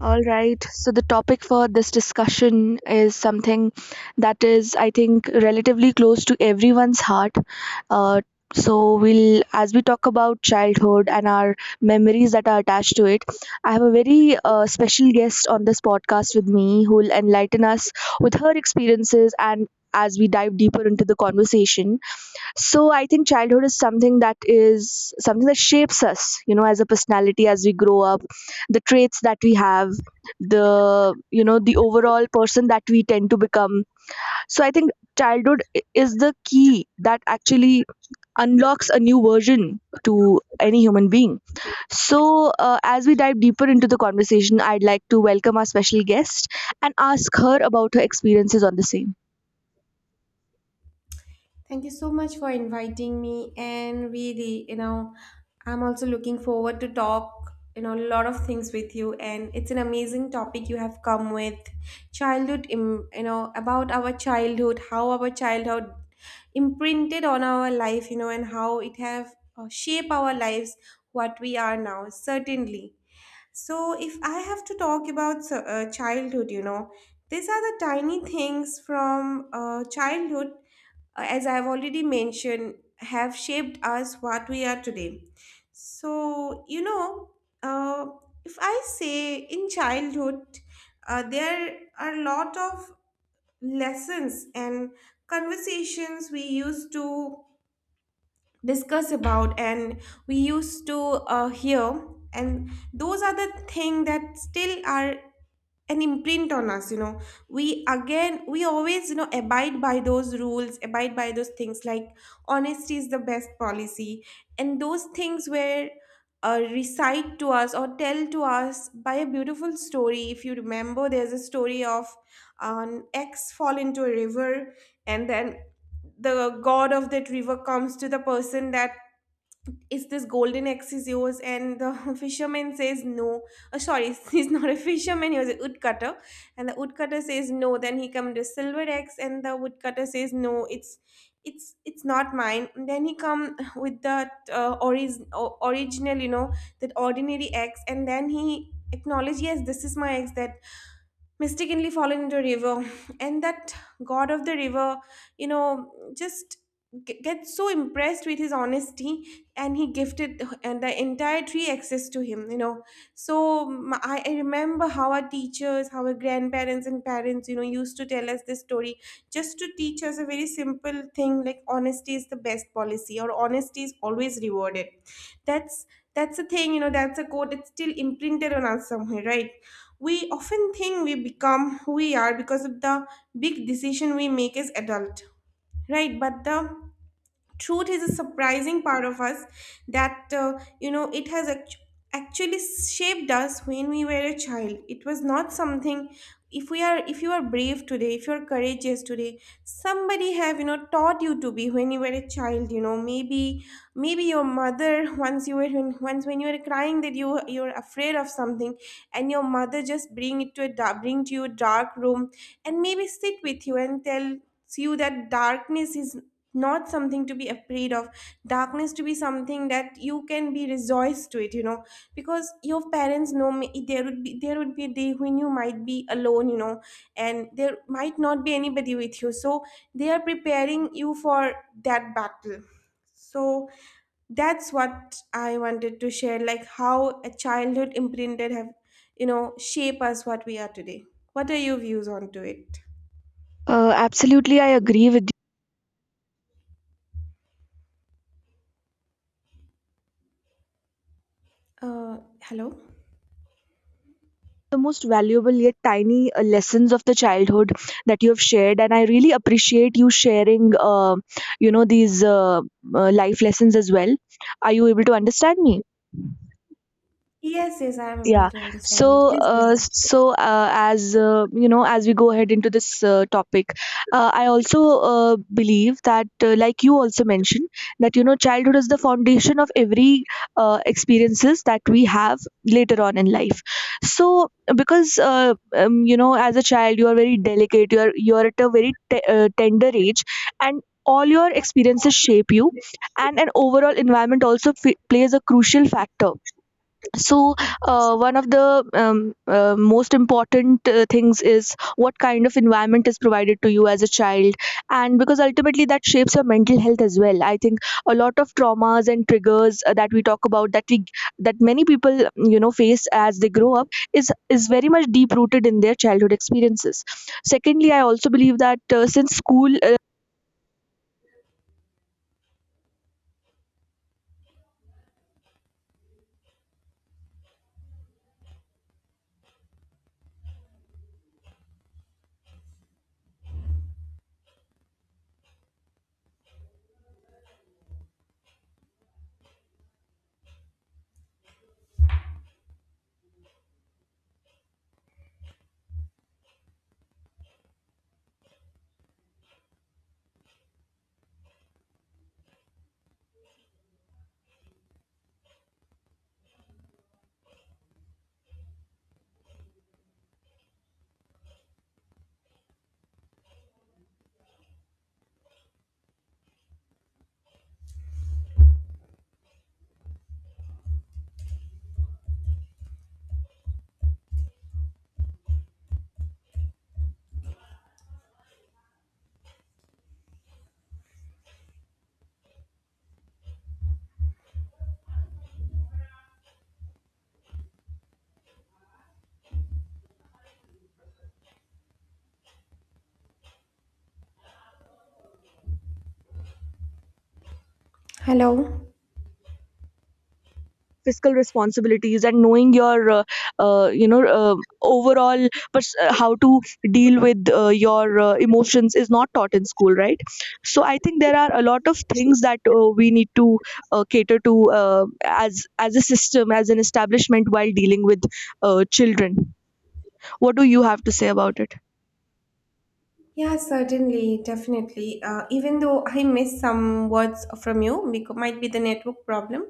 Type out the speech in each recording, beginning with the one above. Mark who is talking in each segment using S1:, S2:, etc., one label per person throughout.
S1: All right. So the topic for this discussion is something that is, I think, relatively close to everyone's heart. Uh, so we'll, as we talk about childhood and our memories that are attached to it, I have a very special guest on this podcast with me who will enlighten us with her experiences and as we dive deeper into the conversation. So I think childhood is something that shapes us, as a personality as we grow up, the traits that we have, the you know the overall person that we tend to become. So I think childhood is the key that actually unlocks a new version to any human being. So, as we dive deeper into the conversation, I'd like to welcome our special guest and ask her about her experiences on the same.
S2: Thank you so much for inviting me, and really, I'm also looking forward to talk, a lot of things with you, and it's an amazing topic you have come with. Childhood, about our childhood, how our childhood imprinted on our life, and how it have shape our lives, what we are now, certainly. So, if I have to talk about childhood, these are the tiny things from childhood, as I have already mentioned, have shaped us what we are today. So, uh, if I say, in childhood, there are a lot of lessons and conversations we used to discuss about, and we used to hear, and those are the things that still are an imprint on us. We always abide by those rules, abide by those things like honesty is the best policy. And those things were recite to us or tell to us by a beautiful story. If you remember, there's a story of an ex fall into a river, and then the god of that river comes to the person that is this golden axe is yours, and the fisherman says no. Oh, sorry, he's not a fisherman, he was a woodcutter. And the woodcutter says no, then he comes the silver axe, and the woodcutter says no, it's it's not mine. And then he come with that original, that ordinary axe, and then he acknowledge, yes, this is my axe that mistakenly fallen into a river. And that god of the river, you know just gets so impressed with his honesty, and he gifted and the entire tree access to him. So I remember how our teachers, how our grandparents and parents used to tell us this story, just to teach us a very simple thing like honesty is the best policy or honesty is always rewarded. That's a thing, that's a quote. It's still imprinted on us somewhere, right? We often think we become who we are because of the big decision we make as adult, right? But the truth is a surprising part of us that it has actually shaped us when we were a child. It was not something. If you are brave today, if you are courageous today, somebody have taught you to be when you were a child, maybe your mother, once when you were crying that you're afraid of something, and your mother just bring to you a dark room, and maybe sit with you and tell you that darkness is not something to be afraid of, darkness to be something that you can be rejoiced to it. Because your parents know, there would be a day when you might be alone, and there might not be anybody with you, so they are preparing you for that battle. So that's what I wanted to share, like how a childhood imprinted have shape us what we are today. What are your views on to it?
S1: Absolutely, I agree with
S2: Uh hello
S1: the most valuable yet tiny lessons of the childhood that you have shared, and I really appreciate you sharing these life lessons as well. Are you able to understand me?
S2: Yes, yes, I am able
S1: Yeah.
S2: to
S1: So,
S2: understand you. Please go ahead.
S1: as as we go ahead into this topic, I also believe that, like you also mentioned, that childhood is the foundation of every experiences that we have later on in life. So, because as a child, you are very delicate. You are at a very tender age, and all your experiences shape you, and an overall environment also plays a crucial factor. So, one of the most important things is what kind of environment is provided to you as a child, and because ultimately that shapes your mental health as well. I think a lot of traumas and triggers that we talk about, that many people, face as they grow up is very much deep rooted in their childhood experiences. Secondly, I also believe that, since school,
S2: Hello.
S1: fiscal responsibilities and knowing your uh, you know uh, overall, how to deal with your emotions is not taught in school, right? So I think there are a lot of things that we need to cater to, uh, as a system, as an establishment, while dealing with children. What do you have to say about it?
S2: Yeah, certainly, definitely. Even though I missed some words from you, because might be the network problem.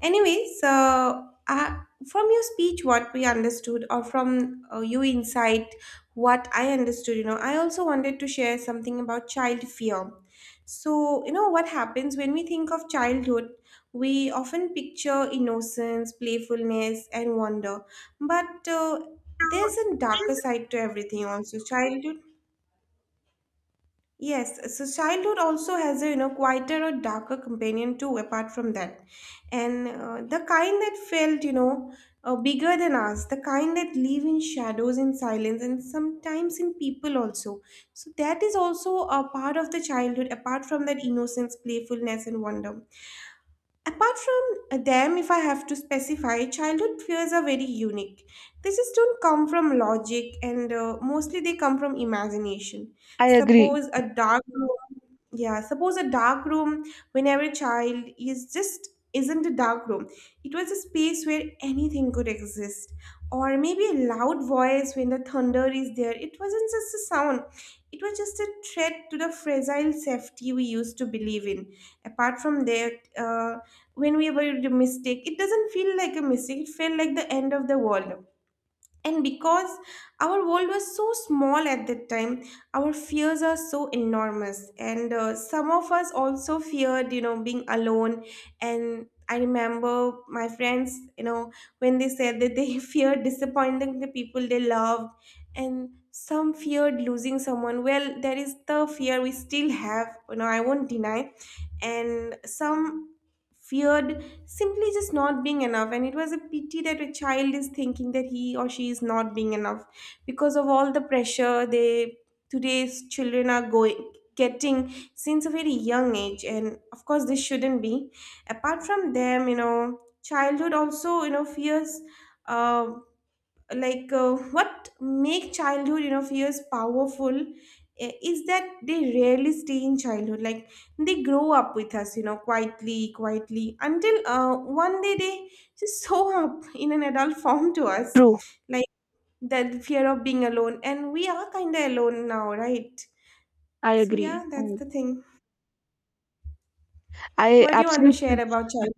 S2: Anyways, uh, from your speech, what we understood, or from you insight, what I understood, I also wanted to share something about child fear. So, what happens when we think of childhood? We often picture innocence, playfulness, and wonder, but there's a darker side to everything. Also, childhood. Yes, so childhood also has a quieter or darker companion too. Apart from that, and the kind that felt bigger than us, the kind that live in shadows, in silence, and sometimes in people also. So that is also a part of the childhood, apart from that innocence, playfulness, and wonder. Apart from them, if I have to specify, childhood fears are very unique. They just don't come from logic, and mostly they come from imagination.
S1: I agree.
S2: Suppose a dark room, yeah, suppose a dark room when every child is just isn't a dark room. It was a space where anything could exist. Or maybe a loud voice when the thunder is there. It wasn't just a sound, it was just a threat to the fragile safety we used to believe in. Apart from that, when we were a mistake, it doesn't feel like a mistake, it felt like the end of the world. And because our world was so small at that time, our fears are so enormous. And some of us also feared being alone. And I remember my friends, when they said that they feared disappointing the people they loved. And some feared losing someone. Well, there is the fear we still have, I won't deny. And some feared simply just not being enough. And it was a pity that a child is thinking that he or she is not being enough, because of all the pressure they today's children are going getting since a very young age. And of course, this shouldn't be. Apart from them, childhood also, fears. uh, like, what make childhood, fears powerful, is that they rarely stay in childhood. Like, they grow up with us, quietly, until one day they just show up in an adult form to us.
S1: True.
S2: Like that fear of being alone, and we are kind of alone now, right?
S1: I
S2: So
S1: agree.
S2: yeah, that's
S1: I
S2: the thing.
S1: i
S2: What do you want to share
S1: absolutely.
S2: about child?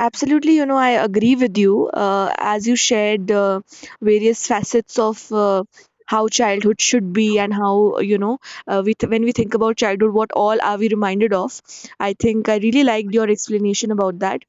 S1: Absolutely, I agree with you. As you shared various facets of, how childhood should be and how, when we think about childhood, what all are we reminded of? I think I really liked your explanation about that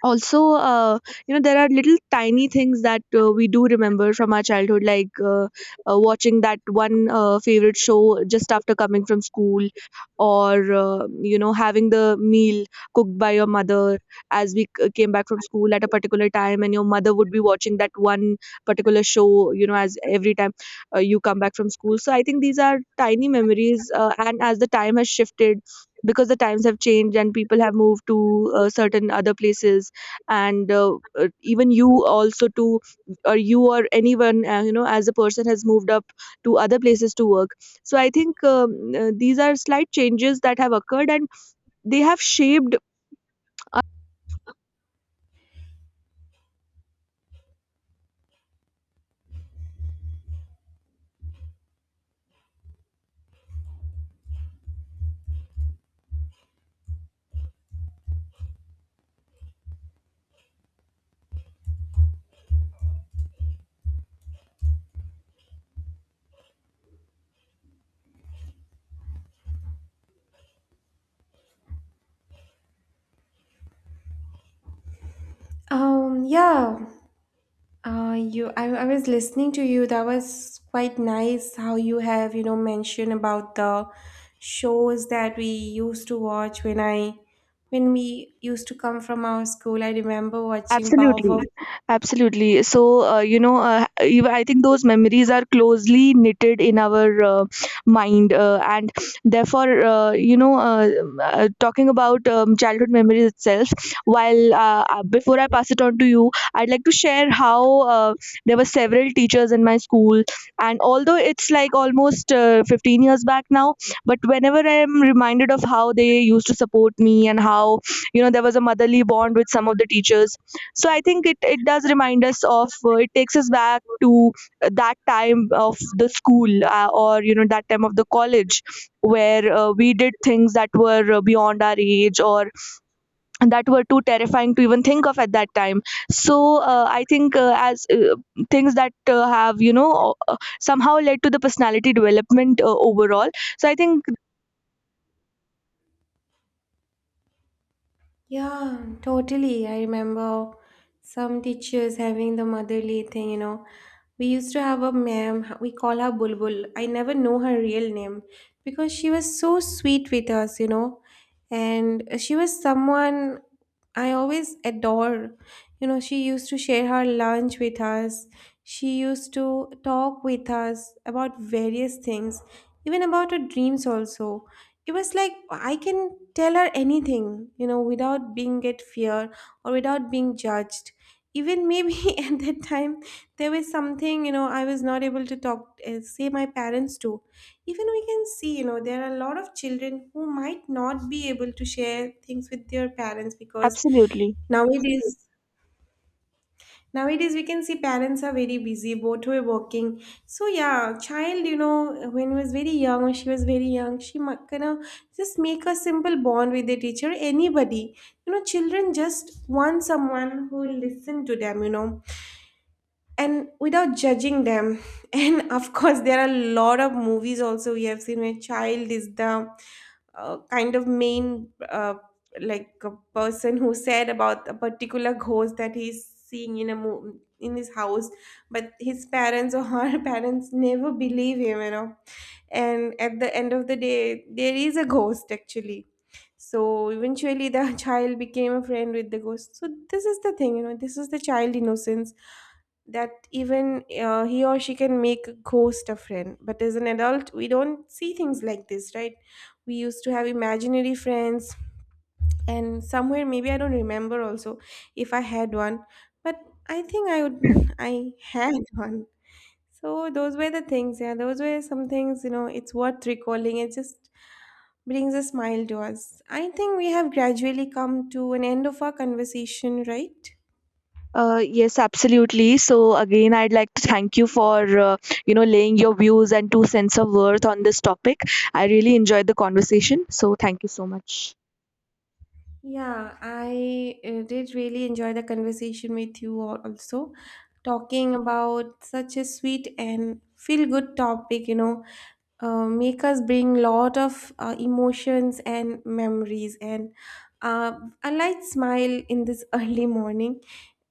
S1: also. uh, there are little tiny things that we do remember from our childhood, like watching that one favorite show just after coming from school, or having the meal cooked by your mother as we came back from school at a particular time, and your mother would be watching that one particular show, as every time you come back from school. So I think these are tiny memories, and as the time has shifted, because the times have changed and people have moved to certain other places, and even you also, too, or you or anyone, as a person, has moved up to other places to work. So I think, these are slight changes that have occurred and they have shaped.
S2: Yeah, I was listening to you. That was quite nice how you have, mentioned about the shows that we used to watch, when we used to come from our school. I remember watching Powerpuff.
S1: Absolutely, absolutely. So, I think those memories are closely knitted in our mind, and therefore, talking about childhood memories itself. While, before I pass it on to you, I'd like to share how uh, there were several teachers in my school, and although it's like almost 15 years back now, but whenever I'm reminded of how they used to support me and how, there was a motherly bond with some of the teachers. So I think it does remind us of, it takes us back to, that time of the school, or that time of the college, where we did things that were beyond our age, or that were too terrifying to even think of at that time. So, I think, as things that have somehow led to the personality development, overall. So I think.
S2: Yeah, totally. I remember some teachers having the motherly thing. We used to have a ma'am, we call her Bulbul. I never know her real name because she was so sweet with us. And she was someone I always adore. She used to share her lunch with us. She used to talk with us about various things, even about her dreams also. It was like I can tell her anything, without being at fear or without being judged. Even maybe at that time, there was something, I was not able to talk, say my parents to. Even we can see, there are a lot of children who might not be able to share things with their parents, because
S1: Absolutely.
S2: nowadays, we can see parents are very busy, both were working. So yeah, child, when she was very young, she might gonna just make a simple bond with the teacher, anybody. Children just want someone who will listen to them. And without judging them, and of course, there are a lot of movies also we have seen where child is the kind of main, like a person who said about a particular ghost that he's seeing in a in his house. But his parents or her parents never believe him. And at the end of the day, there is a ghost actually. So eventually, the child became a friend with the ghost. So this is the thing. This is the child innocence, that even he or she can make a ghost a friend. But as an adult, we don't see things like this, right? We used to have imaginary friends, and somewhere maybe I don't remember also if I had one, but I think I would I had one. So those were the things, yeah. Those were some things. It's worth recalling. It just brings a smile to us. I think we have gradually come to an end of our conversation, right?
S1: Yes, absolutely. So again, I'd like to thank you for laying your views and two cents of worth on this topic. I really enjoyed the conversation. So thank you so much.
S2: Yeah, I did really enjoy the conversation with you all also, talking about such a sweet and feel good topic, make us bring lot of emotions and memories, and a light smile in this early morning.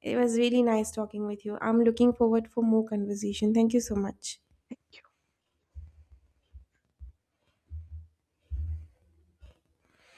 S2: It was really nice talking with you. I'm looking forward for more conversation. Thank you so much.